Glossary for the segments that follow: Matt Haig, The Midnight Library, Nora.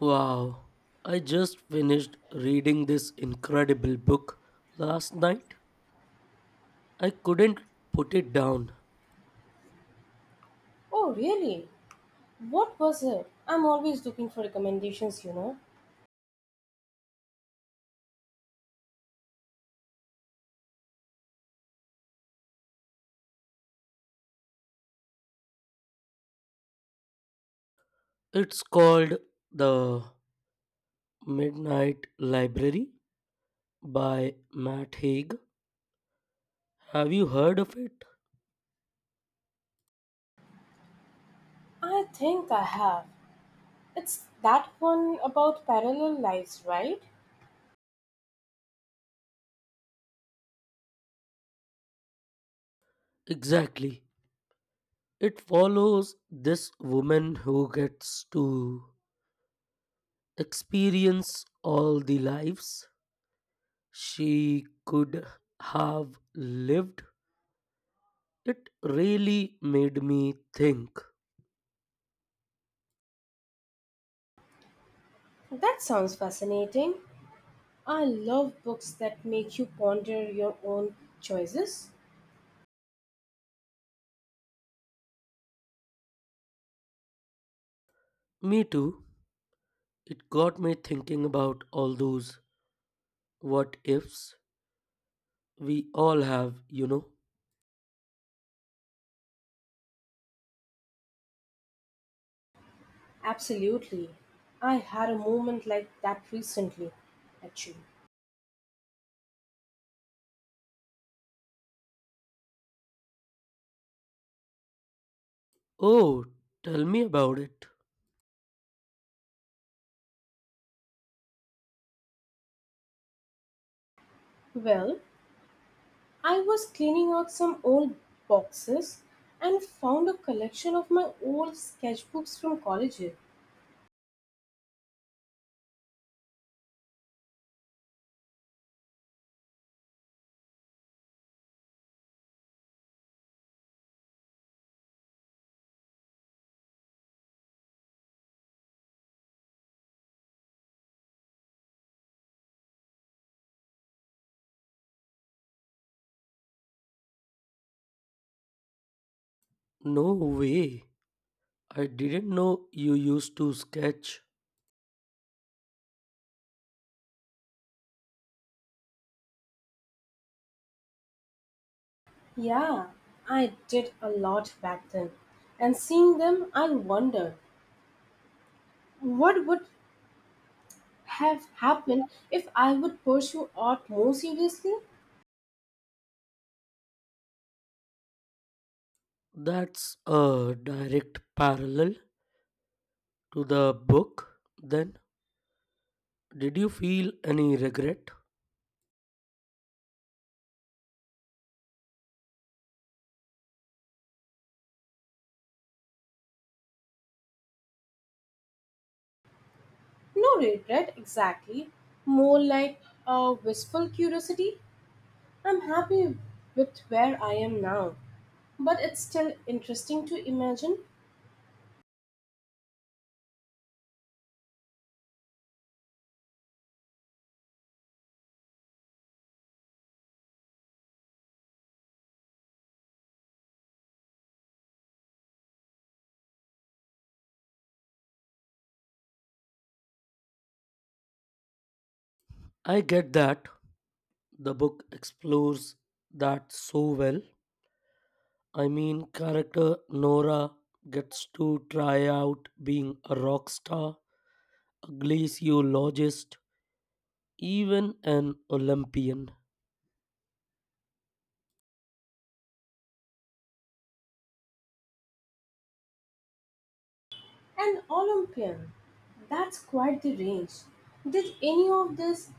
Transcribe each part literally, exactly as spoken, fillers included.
Wow, I just finished reading this incredible book last night. I couldn't put it down. Oh, really? What was it? I'm always looking for recommendations, you know. It's called The Midnight Library by Matt Haig. Have you heard of it? I think I have. It's that one about parallel lives, right? Exactly. It follows this woman who gets to experience all the lives she could have lived. It really made me think. That sounds fascinating. I love books that make you ponder your own choices. Me too. It got me thinking about all those what ifs we all have, you know. Absolutely. I had a moment like that recently, actually. Oh, tell me about it. Well, I was cleaning out some old boxes and found a collection of my old sketchbooks from college. No way. I didn't know you used to sketch. Yeah, I did a lot back then. And seeing them, I wondered, what would have happened if I would pursue art more seriously? That's a direct parallel to the book. Then, did you feel any regret? No regret exactly, more like a wistful curiosity. I'm happy with where I am now, but it's still interesting to imagine I get that. The book explores that so well. I mean, character Nora gets to try out being a rock star, a glaciologist, even an Olympian. an Olympian. That's quite the range. Did any of this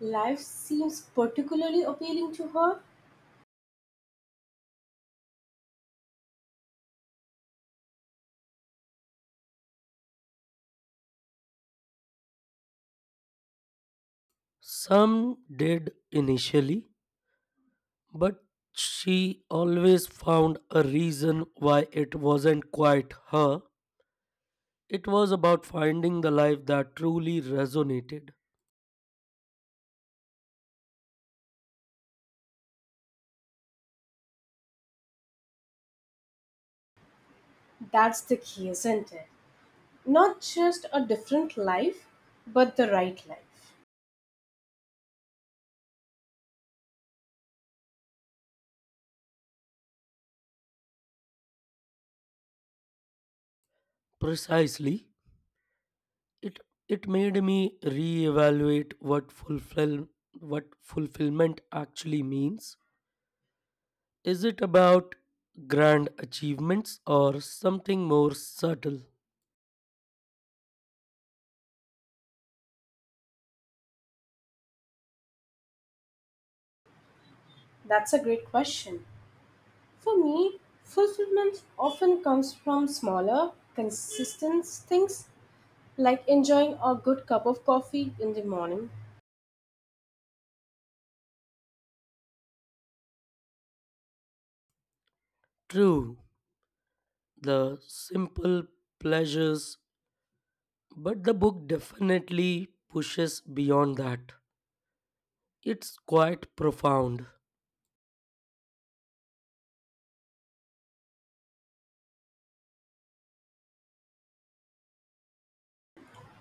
life seems particularly appealing to her? Some did initially, but she always found a reason why it wasn't quite her. It was about finding the life that truly resonated. That's the key, isn't it? Not just a different life, but the right life. Precisely, it it made me reevaluate what fulfill what fulfillment actually means. Is it about grand achievements or something more subtle? That's a great question. For me, fulfillment often comes from smaller, consistent things like enjoying a good cup of coffee in the morning. True. The simple pleasures, but the book definitely pushes beyond that. It's quite profound.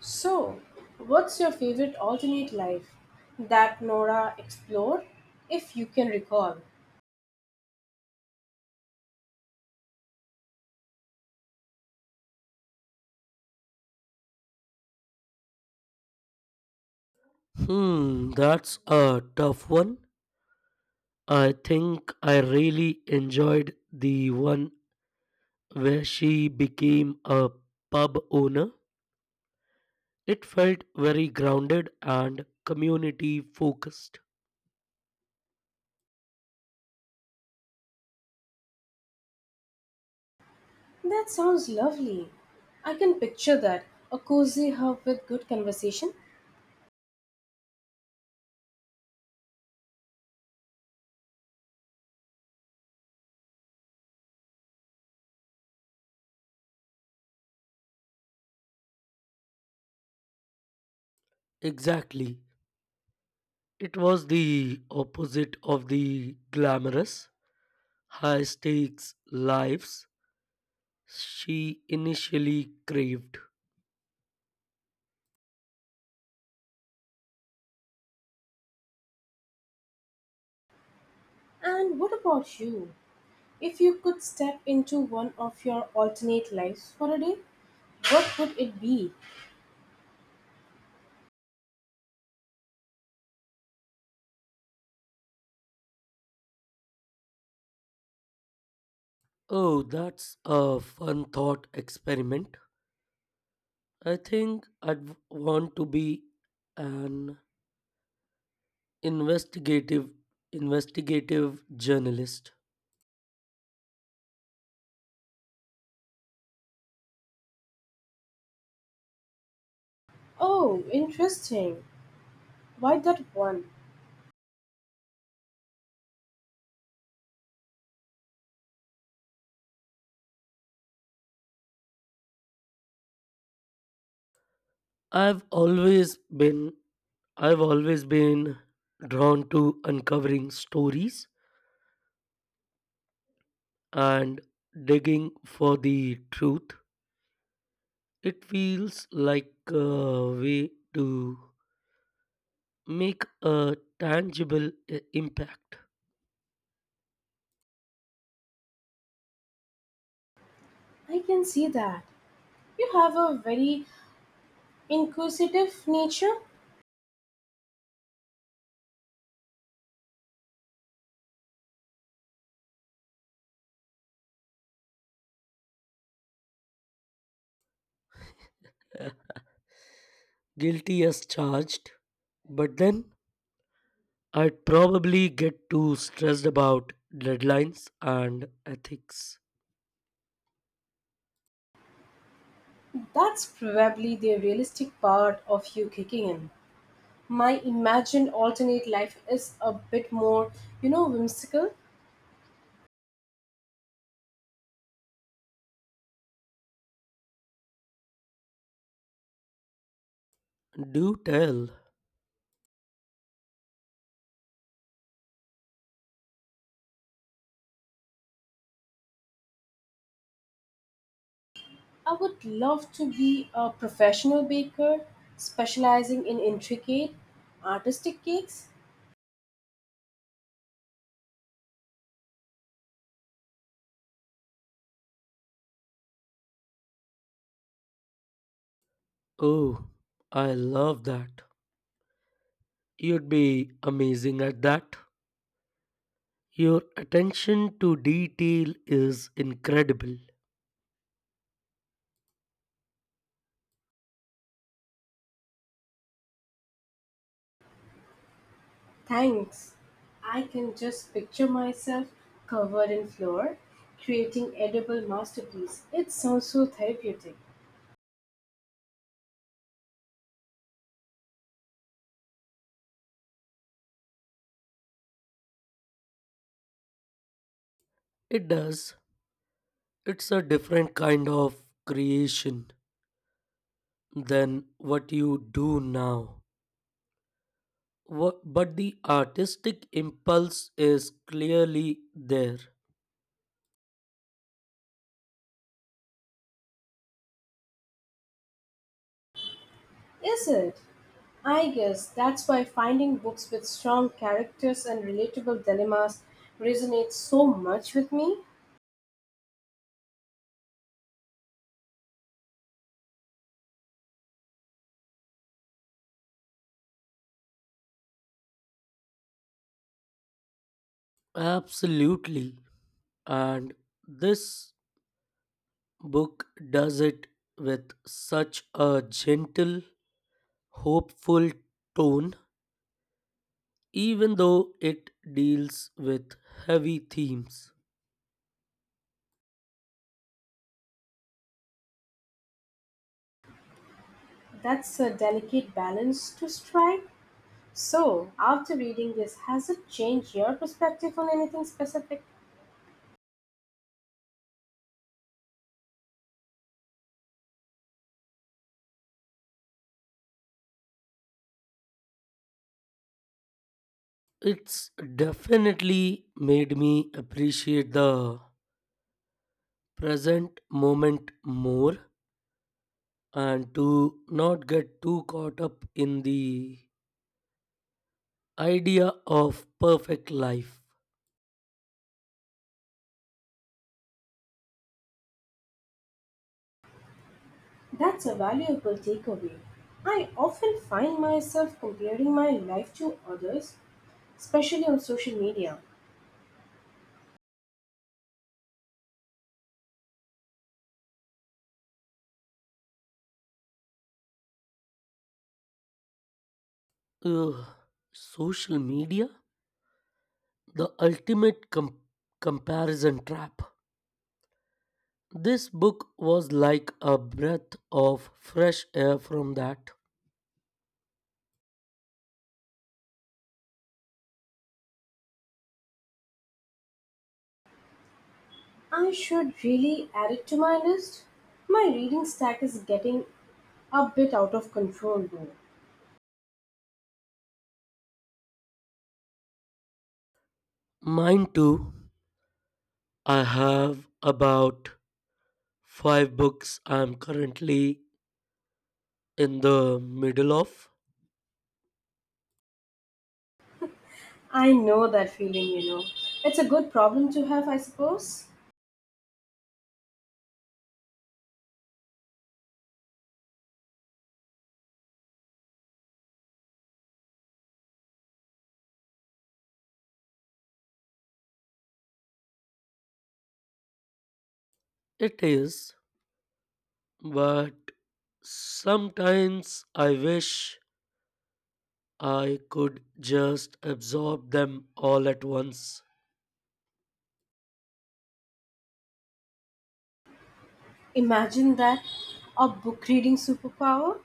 So, what's your favorite alternate life that Nora explored, if you can recall? Hmm, that's a tough one. I think I really enjoyed the one where she became a pub owner. It felt very grounded and community focused. That sounds lovely. I can picture that, a cozy hub with good conversation. Exactly. It was the opposite of the glamorous, high stakes lives she initially craved. And what about you? If you could step into one of your alternate lives for a day, what would it be? Oh, that's a fun thought experiment. I think I'd want to be an investigative investigative journalist. Oh, interesting. Why that one? I've always been I've always been drawn to uncovering stories and digging for the truth. It feels like a way to make a tangible i- impact. I can see that. You have a very inquisitive nature. Guilty as charged, but then I'd probably get too stressed about deadlines and ethics. That's probably the realistic part of you kicking in. My imagined alternate life is a bit more, you know, whimsical. Do tell. I would love to be a professional baker specializing in intricate artistic cakes. Oh, I love that. You'd be amazing at that. Your attention to detail is incredible. Thanks. I can just picture myself covered in flour, creating edible masterpiece. It sounds so therapeutic. It does. It's a different kind of creation than what you do now. Wha- But the artistic impulse is clearly there. Is it? I guess that's why finding books with strong characters and relatable dilemmas resonates so much with me. Absolutely. And this book does it with such a gentle, hopeful tone, even though it deals with heavy themes. That's a delicate balance to strike. So, after reading this, has it changed your perspective on anything specific? It's definitely made me appreciate the present moment more and to not get too caught up in the idea of perfect life. That's a valuable takeaway. I often find myself comparing my life to others, especially on social media. Ugh, social media? The Ultimate Com- Comparison Trap. This book was like a breath of fresh air from that. I should really add it to my list. My reading stack is getting a bit out of control though. Mine too. I have about five books I'm currently in the middle of. I know that feeling, you know. It's a good problem to have, I suppose. It is, but sometimes I wish I could just absorb them all at once. Imagine that, a book reading superpower.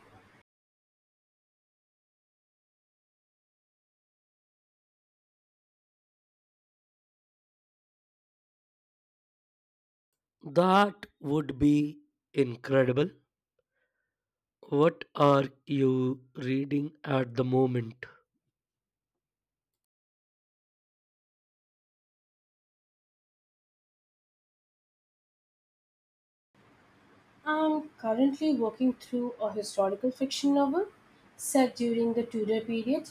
That would be incredible. What are you reading at the moment? I'm currently working through a historical fiction novel set during the Tudor period.